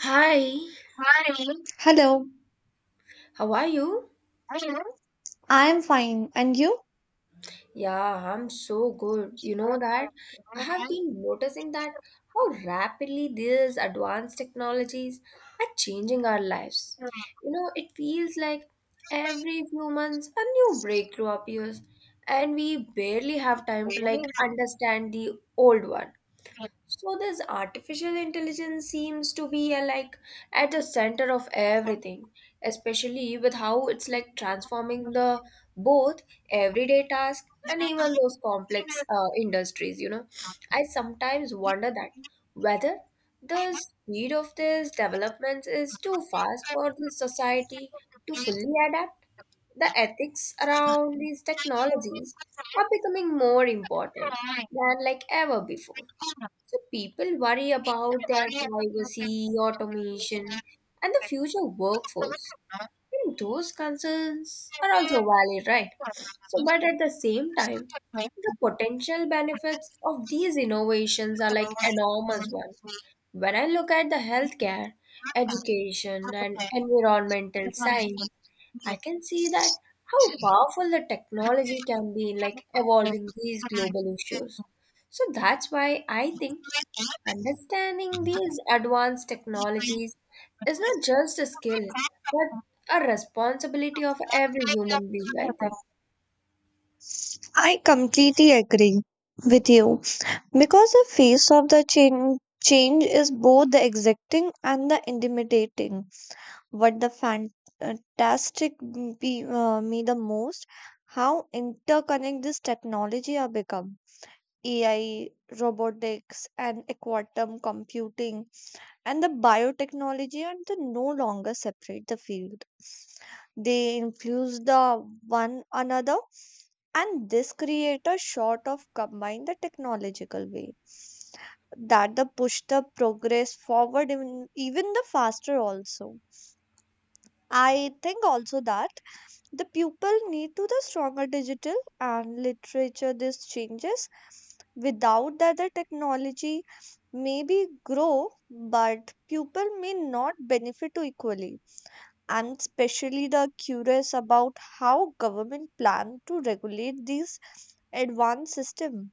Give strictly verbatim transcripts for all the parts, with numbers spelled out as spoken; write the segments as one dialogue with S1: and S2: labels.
S1: Hi,
S2: Hi. Hello,
S1: how are you?
S2: Hello. I'm fine. And
S1: Yeah, I'm so good. You know that I have been noticing that how rapidly these advanced technologies are changing our lives. You know, it feels like every few months a new breakthrough appears, and we barely have time to like understand the old one. So this artificial intelligence seems to be uh, like at the center of everything, especially with how it's like transforming the both everyday tasks and even those complex uh, industries, you know. I sometimes wonder that whether the speed of these developments is too fast for the society to fully adapt. The ethics around these technologies are becoming more important than like ever before. So people worry about their privacy, automation, and the future workforce. And those concerns are also valid, right? So, but at the same time, the potential benefits of these innovations are like enormous one. When I look at the healthcare, education, and environmental science, I can see that how powerful the
S2: you.
S1: technology can be in like evolving these global issues. So that's why I think understanding these advanced technologies is not just a skill, but a responsibility of every human being, I think.
S2: I completely agree with you because the face of the change change is both the exciting and the intimidating. What the fantastic be, uh, me the most, how interconnected this technology are become. A I, robotics, and quantum computing and the biotechnology and the no longer separate the field. They influence the one another, and this create a sort of combine the technological way that the push the progress forward even, even the faster. Also, I think also that the pupil need to the stronger digital and literature these changes. Without that, the technology maybe grow but pupil may not benefit to equally. I'm especially the curious about how government plan to regulate these advanced system.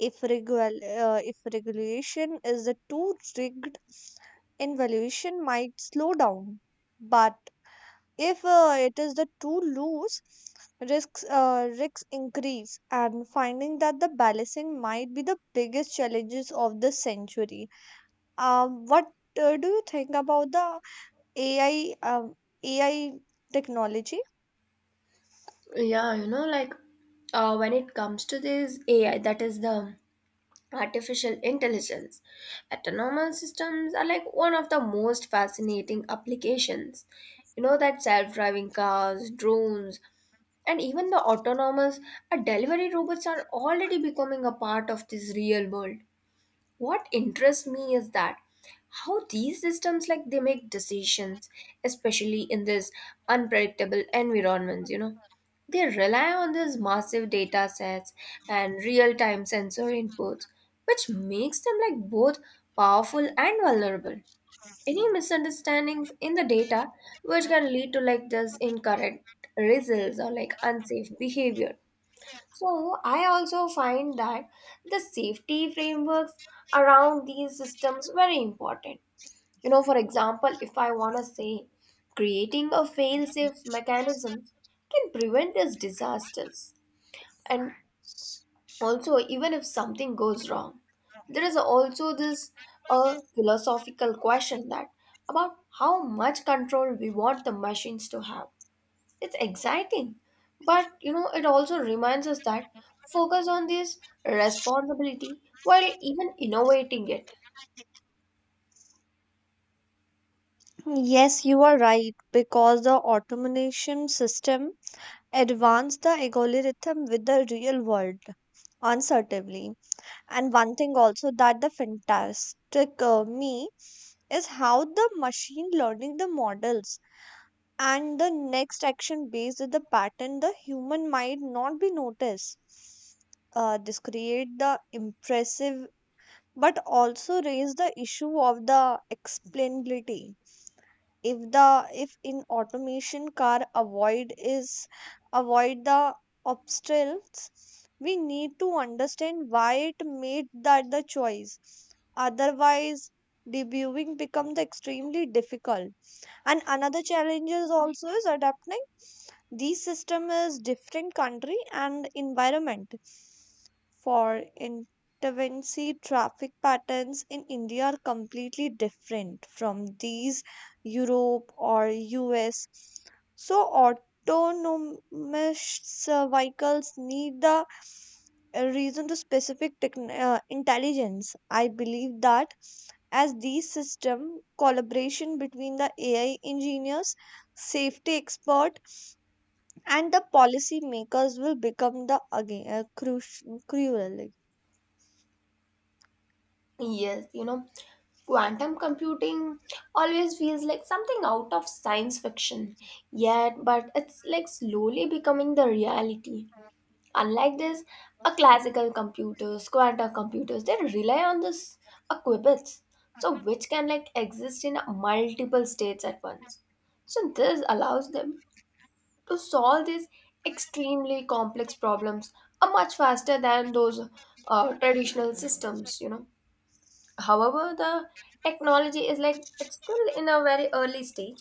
S2: If regul uh, if regulation is the too rigged, evaluation might slow down. But if uh, it is the too loose, risks uh, risks increase, and finding that the balancing might be the biggest challenges of the century. Um, what uh, do you think about the A I um, A I technology?
S1: Yeah, you know, like uh, when it comes to this A I, that is the artificial intelligence, autonomous systems are like one of the most fascinating applications. You know, that self driving cars, drones, and even the autonomous uh, delivery robots are already becoming a part of this real world. What interests me is that how these systems like they make decisions, especially in this unpredictable environments, you know. They rely on these massive data sets and real-time sensor inputs, which makes them like both powerful and vulnerable. Any misunderstandings in the data which can lead to like this incorrect results or like unsafe behavior. So I also find that the safety frameworks around these systems very important. You know, for example, if I want to say creating a fail-safe mechanism can prevent these disasters. And also, even if something goes wrong, there is also this uh, philosophical question that about how much control we want the machines to have. It's exciting, but you know, it also reminds us that focus on this responsibility while even innovating it.
S2: Yes, you are right because the automation system advanced the algorithm with the real world uncertainly. And one thing also that the fantastic uh, me is how the machine learning the models and the next action based on the pattern the human might not be noticed. Uh, this create the impressive but also raise the issue of the explainability. If the if in automation car avoid is avoid the obstacles, we need to understand why it made that the choice. Otherwise debugging becomes extremely difficult, and another challenge is also is adapting these system is different country and environment. For infancy, traffic patterns in India are completely different from these Europe or U S. So autonomous uh, vehicles need the uh, reason to specific techn- uh, intelligence. I believe that as these system collaboration between the A I engineers, safety expert, and the policy makers will become the again uh, crucial.
S1: Yes, you know, quantum computing always feels like something out of science fiction, yet, but it's like slowly becoming the reality. Unlike this, a classical computers, quantum computers, they rely on this a qubits, so which can like exist in multiple states at once. So this allows them to solve these extremely complex problems are much faster than those uh, traditional systems, you know. However, the technology is like it's still in a very early stage,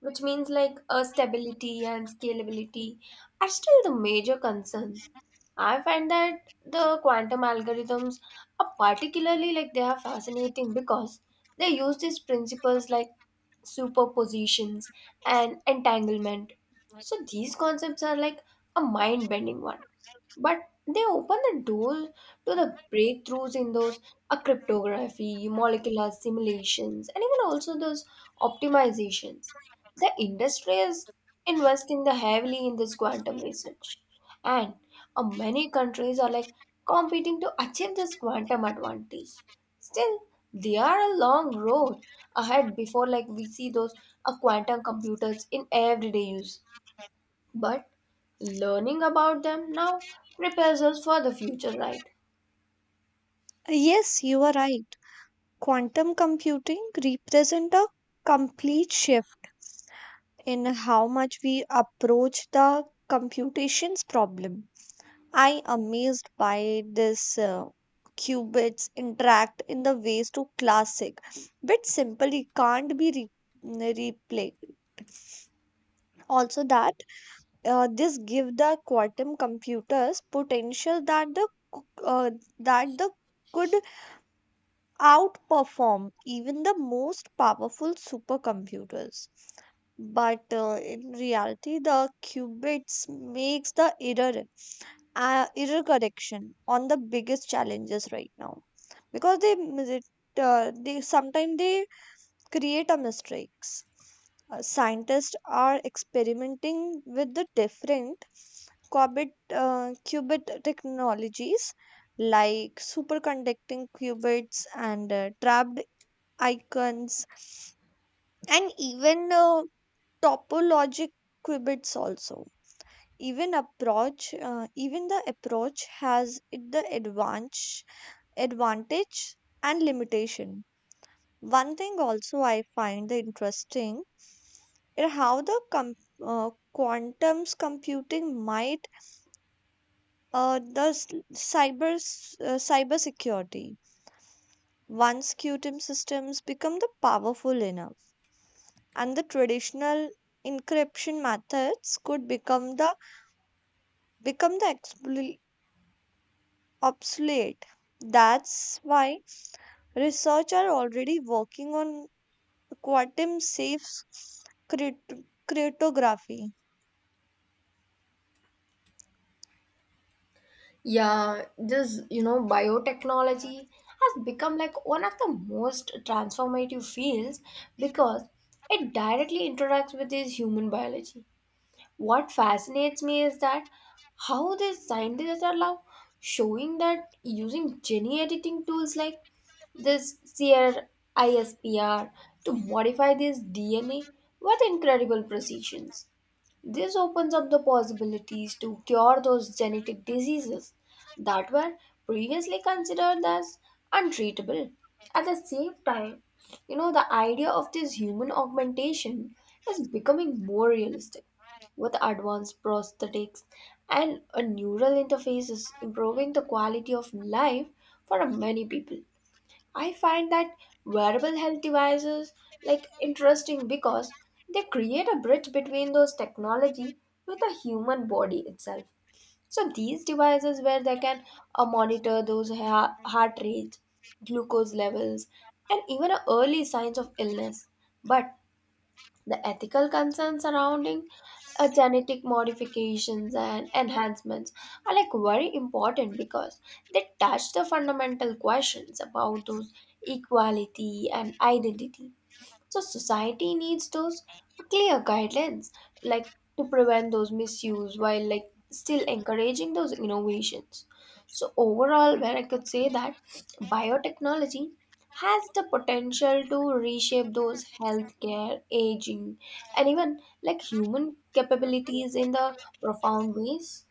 S1: which means like uh, stability and scalability are still the major concerns. I find that the quantum algorithms are particularly like they are fascinating because they use these principles like superpositions and entanglement. So these concepts are like a mind bending one, but they open the door to the breakthroughs in those uh, cryptography, molecular simulations, and even also those optimizations. The industry is investing the heavily in this quantum research, and uh, many countries are like competing to achieve this quantum advantage. Still, there are a long road ahead before like we see those uh, quantum computers in everyday use. But learning about them now prepares us for the future, right?
S2: Yes, you are right. Quantum computing represent a complete shift in how much we approach the computations problem. I amazed by this uh, qubits interact in the ways to classic, but simply can't be re- replaced. Also, that Uh, this give the quantum computers potential that the c- uh, that the could outperform even the most powerful supercomputers. But uh, in reality, the qubits makes the error uh, error correction on the biggest challenges right now because they mis- it, uh, they sometimes they create a mistakes. Uh, scientists are experimenting with the different qubit, uh, qubit technologies like superconducting qubits and uh, trapped icons, and even uh, topologic qubits also. Even approach uh, even the approach has it the advantage advantage and limitation. One thing also I find interesting is how the com- uh, quantum's computing might uh, the s- cyber s- uh, cyber security. Once quantum systems become the powerful enough, and the traditional encryption methods could become the become the expl- obsolete. That's why research are already working on quantum safe crypt- cryptography.
S1: Yeah, this, you know, biotechnology has become like one of the most transformative fields because it directly interacts with this human biology. What fascinates me is that how these scientists are now showing that using gene editing tools like this CRISPR to modify this D N A with incredible precision. This opens up the possibilities to cure those genetic diseases that were previously considered as untreatable. At the same time, you know, the idea of this human augmentation is becoming more realistic with advanced prosthetics and a neural interfaces improving the quality of life for many people. I find that wearable health devices like interesting because they create a bridge between those technology with the human body itself. So these devices where they can uh, monitor those ha- heart rates, glucose levels, and even uh, early signs of illness. But the ethical concerns surrounding uh, genetic modifications and enhancements are like very important because they touch the fundamental questions about those equality and identity. So society needs those clear guidelines, like to prevent those misuse while like still encouraging those innovations. So overall, where I could say that biotechnology has the potential to reshape those healthcare, aging, and even like human capabilities in the profound ways.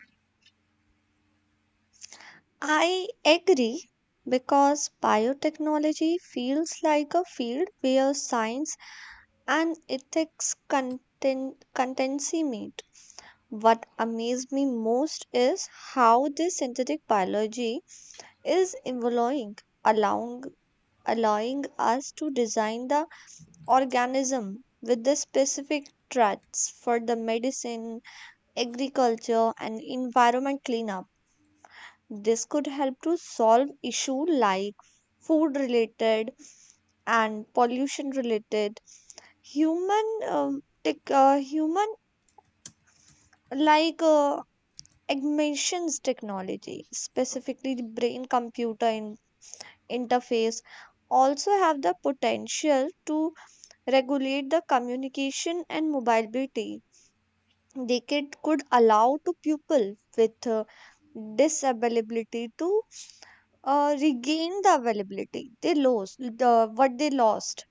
S2: I agree because biotechnology feels like a field where science and ethics content, contensimate. What amazed me most is how this synthetic biology is evolving, allowing, allowing us to design the organism with the specific threats for the medicine, agriculture, and environment cleanup. This could help to solve issue like food related and pollution related human um, tech, uh, human like uh, emissions technology, specifically the brain computer in- interface also have the potential to regulate the communication and mobility. They could, could allow to people with uh, disability to uh, regain the availability they lost the what they lost,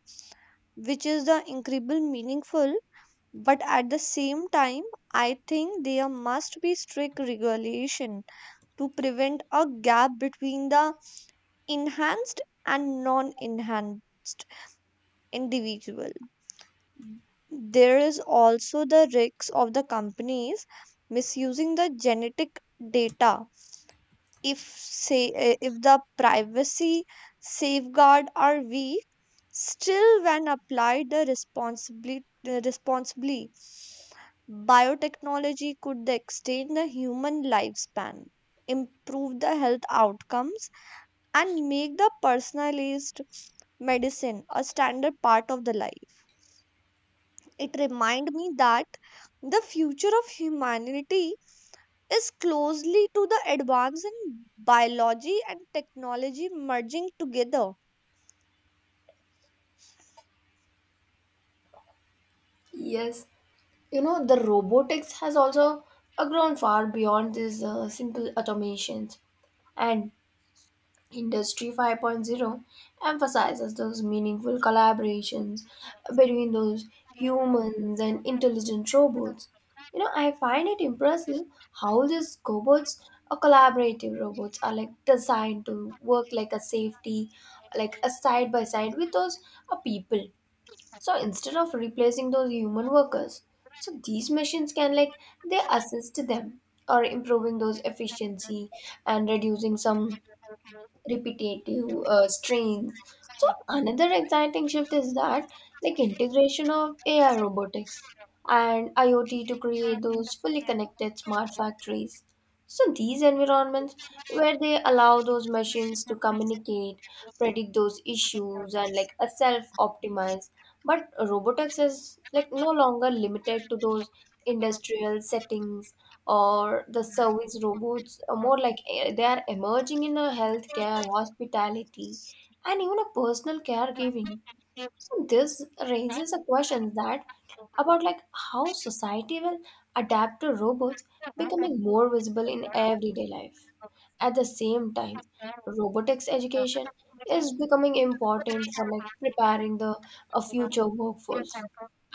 S2: which is the incredible meaningful. But at the same time, I think there must be strict regulation to prevent a gap between the enhanced and non enhanced individual. There is also the risks of the companies misusing the genetic data if say eh, if the privacy safeguard are weak. Still, when applied the responsibly the responsibly biotechnology could extend the human lifespan, improve the health outcomes, and make the personalized medicine a standard part of the life. It reminds me that the future of humanity is closely to the advance in biology and technology merging together.
S1: Yes, you know the robotics has also uh, grown far beyond these uh, simple automations, and Industry 5.0 emphasizes those meaningful collaborations between those humans and intelligent robots. You know, I find it impressive how these cobots or collaborative robots are like designed to work like a safety, like a side by side with those uh, people. So instead of replacing those human workers, so these machines can like they assist them or improving those efficiency and reducing some repetitive uh, strains. So another exciting shift is that like integration of A I, robotics, and IoT to create those fully connected smart factories. So these environments where they allow those machines to communicate, predict those issues and like a self optimize. But robotics is like no longer limited to those industrial settings or the service robots, uh, more like eh, they are emerging in a healthcare, hospitality, and even a personal caregiving. So this raises a question that about like how society will adapt to robots becoming more visible in everyday life. At the same time, robotics education is becoming important for like preparing the a future workforce.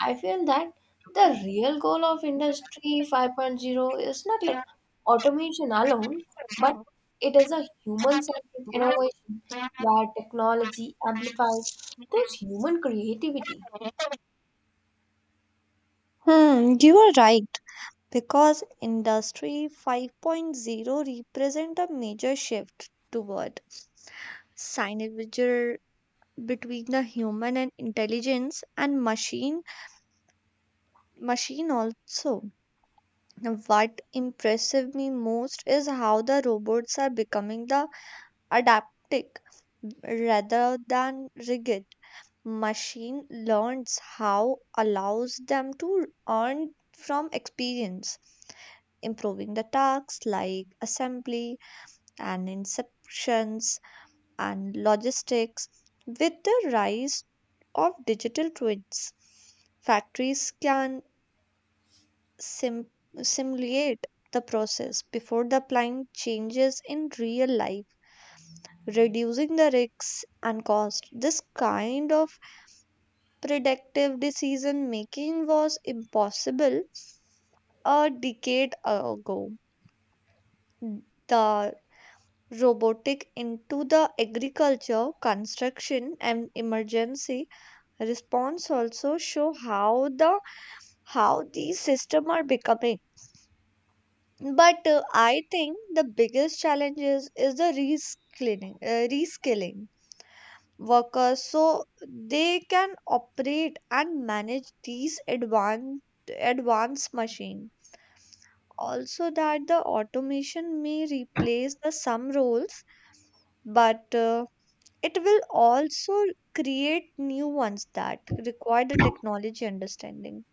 S1: I feel that the real goal of Industry 5.0 is not like automation alone, but it is a human-centered innovation where technology amplifies those human creativity.
S2: Hmm, you are right. Because industry Five Point Zero represent a major shift toward synergy between the human and intelligence and machine machine also. Now, what impressive me most is how the robots are becoming the adaptic rather than rigid. Machine learns how allows them to earn from experience, improving the tasks like assembly and inspections and logistics with the rise of digital twins. Factories can sim- simulate the process before the applying changes in real life, reducing the risks and cost. This kind of predictive decision making was impossible a decade ago. The robotic into the agriculture, construction and emergency response also show how the how these systems are becoming. But uh, I think the biggest challenge is, is the reskilling, uh, reskilling workers so they can operate and manage these advanced advanced machine. Also that the automation may replace the some roles, but uh, it will also create new ones that require the technology understanding.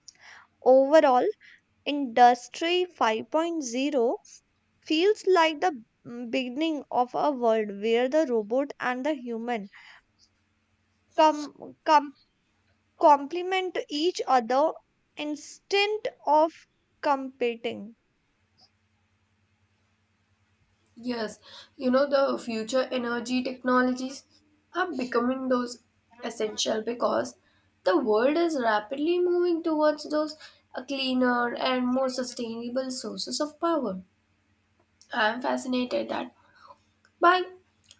S2: Overall industry Five Point Zero feels like the beginning of a world where the robot and the human come complement each other instead of competing.
S1: Yes, you know, the future energy technologies are becoming those essential because the world is rapidly moving towards those uh, cleaner and more sustainable sources of power. I am fascinated that by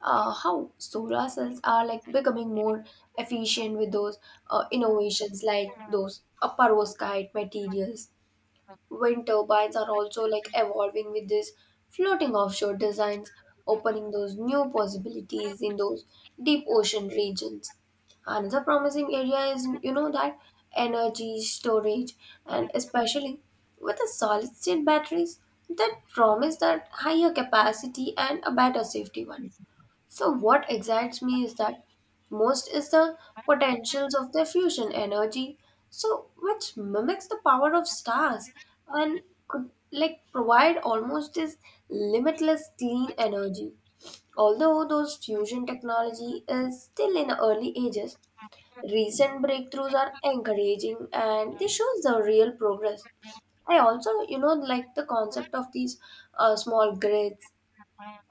S1: uh, how solar cells are like becoming more efficient with those uh, innovations like those uh, perovskite materials. Wind turbines are also like evolving with these floating offshore designs, opening those new possibilities in those deep ocean regions. Another promising area is, you know, that energy storage, and especially with the solid state batteries that promise that higher capacity and a better safety one. So what excites me is that most is the potentials of their fusion energy, so which mimics the power of stars and could like provide almost this limitless clean energy. Although those fusion technology is still in the early ages, recent breakthroughs are encouraging and they shows the real progress. I also, you know, like the concept of these uh, small grids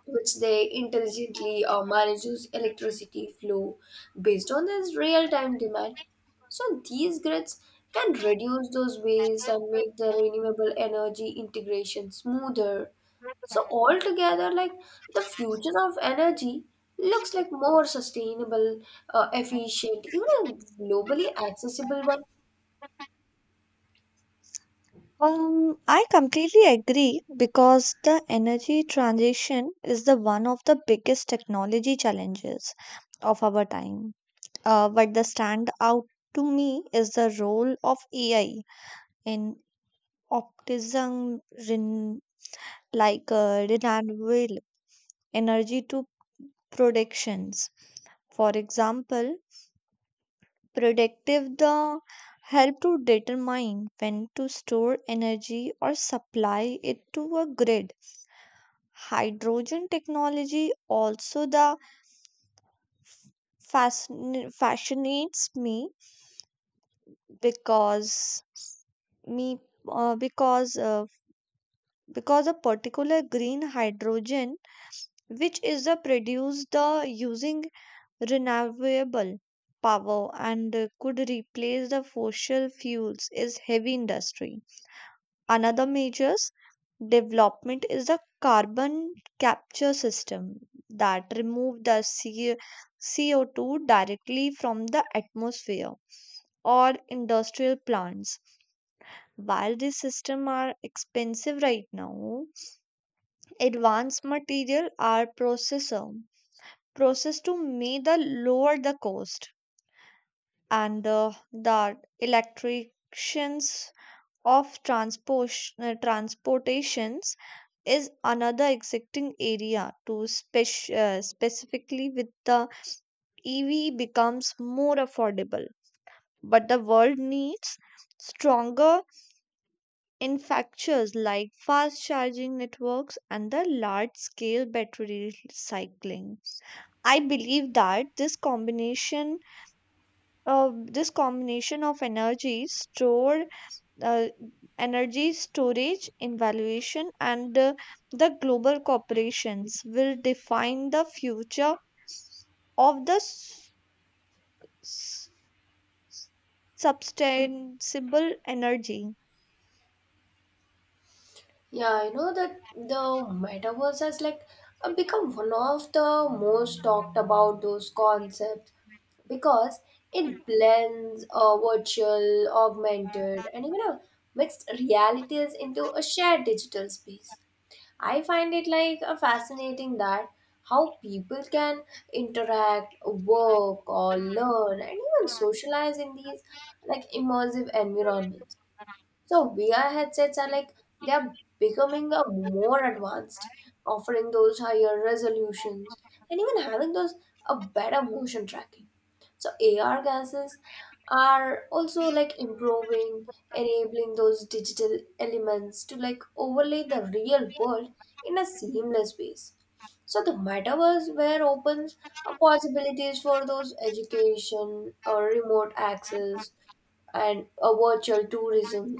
S1: which they intelligently uh, manages electricity flow based on this real-time demand. So these grids can reduce those waste and make the renewable energy integration smoother. So altogether, like the future of energy looks like more sustainable, uh, efficient, even a globally accessible one.
S2: Um, I completely agree because the energy transition is the one of the biggest technology challenges of our time. Uh, but the stand out to me is the role of A I in optimism, ren- like uh, renewable energy to productions. For example, predictive the help to determine when to store energy or supply it to a grid. Hydrogen technology also the fascin- fascinates me because me uh, because uh, because a particular green hydrogen, which is the produced the using renewable power, and uh, could replace the fossil fuels is heavy industry. Another major development is the carbon capture system that remove the C O- C O two directly from the atmosphere or industrial plants. While these systems are expensive right now, advanced material are processor processed to make the lower the cost, and uh, the electricians of transpos- uh, transportations is another exciting area to spec- uh, specifically with the E V becomes more affordable. But the world needs stronger infrastructures like fast charging networks and the large scale battery recycling. I believe that this combination of this combination of energy stored uh, energy storage evaluation, and uh, the global corporations will define the future of the s- s- sustainable energy.
S1: Yeah, you know that the metaverse has like uh, become one of the most talked about those concepts because it blends uh, virtual, augmented, and even uh, mixed realities into a shared digital space. I find it like a fascinating that how people can interact, work, or learn, and even socialize in these like immersive environments. So V R headsets are like they are becoming a more advanced, offering those higher resolutions and even having those a better motion tracking. So A R glasses are also like improving, enabling those digital elements to like overlay the real world in a seamless ways. So the metaverse where opens uh, possibilities for those education or remote access and a virtual tourism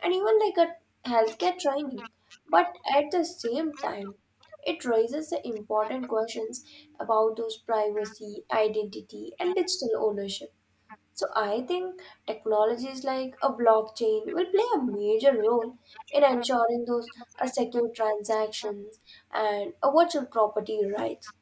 S1: and even like a healthcare training. But at the same time, it raises the important questions about those privacy, identity, and digital ownership. So I think technologies like a blockchain will play a major role in ensuring those a secure transactions and a virtual property rights.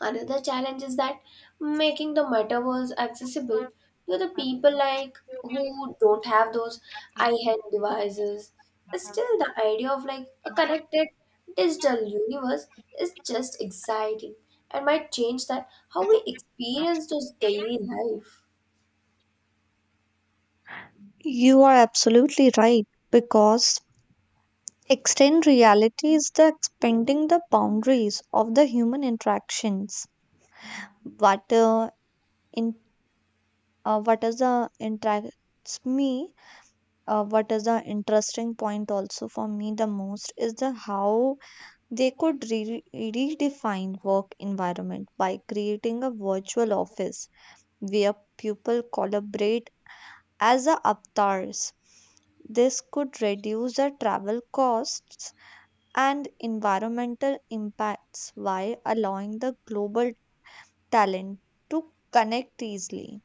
S1: Another challenge is that making the metaverse accessible to the people like who don't have those eye-hand devices. Still, the idea of like a connected digital universe is just exciting and might change that how we experience those daily life.
S2: You are absolutely right because extend reality is the expanding the boundaries of the human interactions. What uh, in uh, what is the interacts me uh, what is the interesting point also for me the most is the how they could re- redefine work environment by creating a virtual office where people collaborate as a avatars. This could reduce the travel costs and environmental impacts while allowing the global talent to connect easily.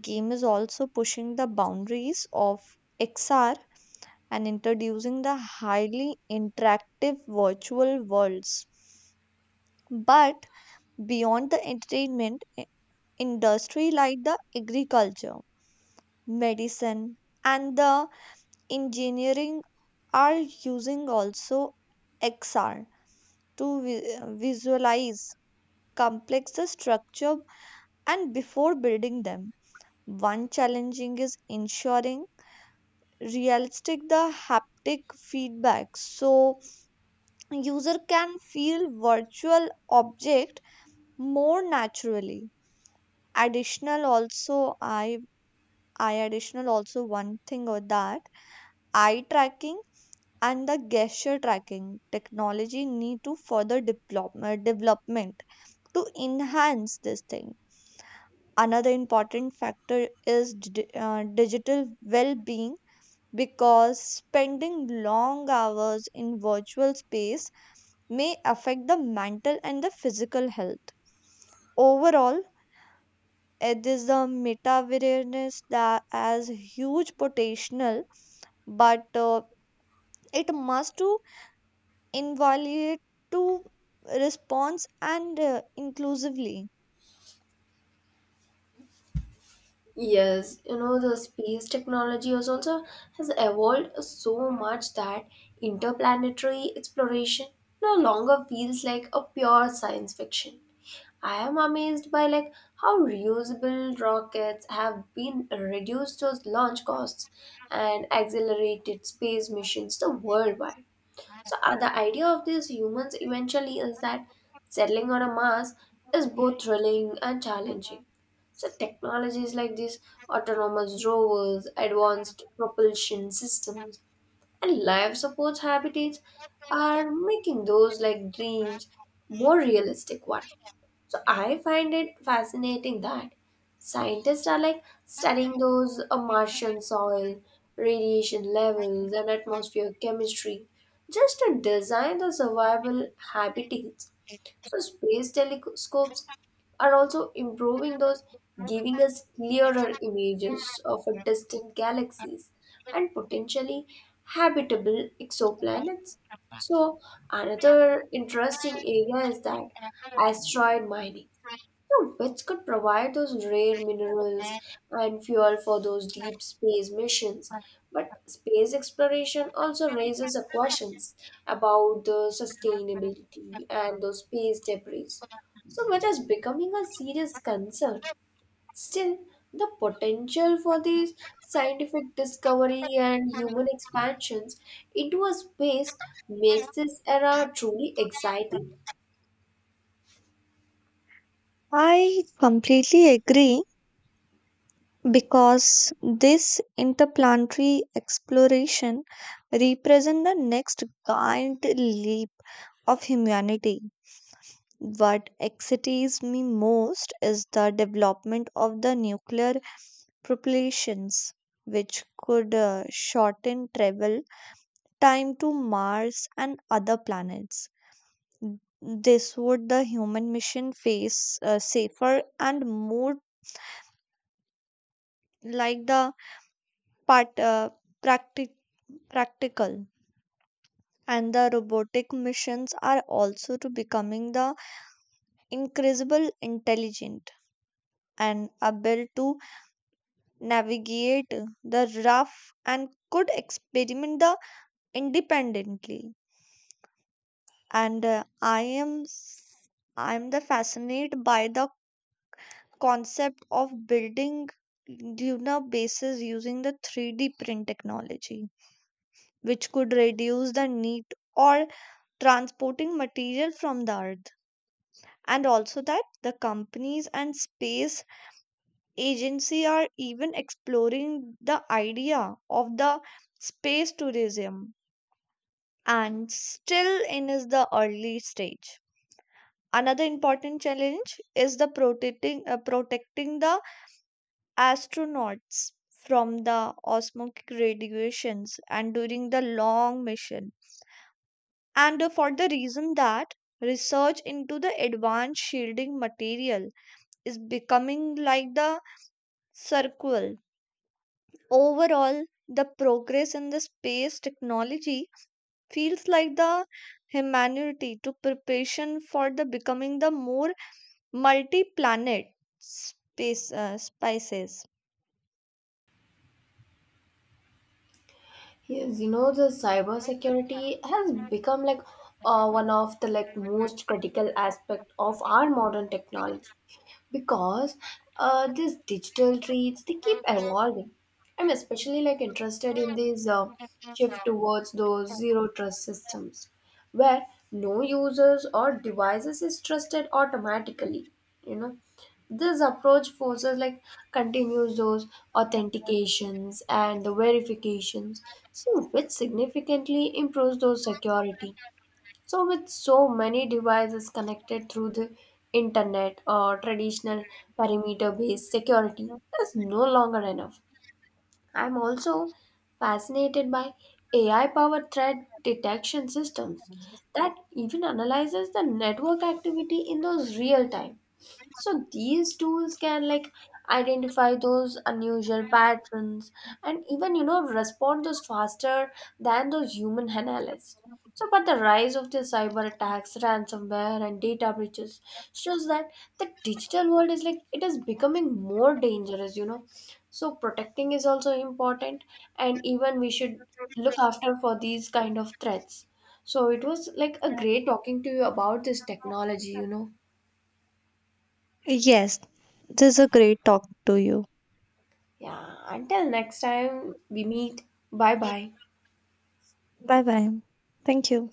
S2: Game is also pushing the boundaries of X R and introducing the highly interactive virtual worlds. But beyond the entertainment i- industry, like the agriculture, medicine, and the engineering are using also X R to vi- visualize complex structure and before building them. One challenging is ensuring realistic the haptic feedback so user can feel virtual object more naturally. Additional also i i additional also one thing or that eye tracking and the gesture tracking technology need to further develop, uh, development to enhance this thing. Another important factor is d- uh, digital well-being because spending long hours in virtual space may affect the mental and the physical health. Overall, it is the meta awareness that has huge potential, but uh, it must to evaluate to response and uh, inclusively.
S1: Yes, you know, the space technology has also has evolved so much that interplanetary exploration no longer feels like a pure science fiction. I am amazed by like how reusable rockets have been reduced to launch costs and accelerated space missions the worldwide. So uh, the idea of these humans eventually is that settling on a Mars is both thrilling and challenging. So technologies like these autonomous rovers, advanced propulsion systems, and life support habitats are making those like dreams more realistic one. So I find it fascinating that scientists are like studying those uh, Martian soil, radiation levels, and atmosphere chemistry just to design the survival habitats. So space telescopes are also improving those, giving us clearer images of our distant galaxies and potentially habitable exoplanets. So another interesting area is that asteroid mining, know, which could provide those rare minerals and fuel for those deep space missions. But space exploration also raises the questions about the sustainability and those space debris, so which is becoming a serious concern. Still, the potential for these scientific discovery and human expansions into a space makes this era truly exciting.
S2: I completely agree because this interplanetary exploration represent the next giant leap of humanity. What excites me most is the development of the nuclear propulsions, which could uh, shorten travel time to Mars and other planets. This would the human mission face uh, safer and more like the part, uh, practic- practical. And the robotic missions are also to becoming the incredible intelligent and able to navigate the rough and could experiment the independently. And uh, i am s- I am the fascinated by the concept of building lunar bases using the three d print technology, which could reduce the need or transporting material from the earth. And also that the companies and space agency are even exploring the idea of the space tourism and still in is the early stage. Another important challenge is the protecting uh, protecting the astronauts from the osmotic radiations and during the long mission. And uh, for the reason that research into the advanced shielding material is becoming like the circle. Overall, the progress in the space technology feels like the humanity to preparation for the becoming the more multi-planet space uh, spices.
S1: Yes, you know the cybersecurity has become like uh, one of the like most critical aspect of our modern technology because uh, these digital treats they keep evolving. I'm especially like interested in this uh, shift towards those zero trust systems where no users or devices is trusted automatically, you know. This approach forces like continues those authentications and the verifications, so which significantly improves those security. So with so many devices connected through the internet, or traditional perimeter based security is no longer enough. I'm also fascinated by A I powered threat detection systems that even analyzes the network activity in those real time. So these tools can like identify those unusual patterns and even, you know, respond those faster than those human analysts. So but the rise of the cyber attacks, ransomware, and data breaches shows that the digital world is like it is becoming more dangerous, you know. So protecting is also important and even we should look after for these kind of threats. So it was like a great talking to you about this technology, you know.
S2: Yes, this is a great talk to you.
S1: Yeah, until next time we meet. Bye bye.
S2: Bye bye. Thank you.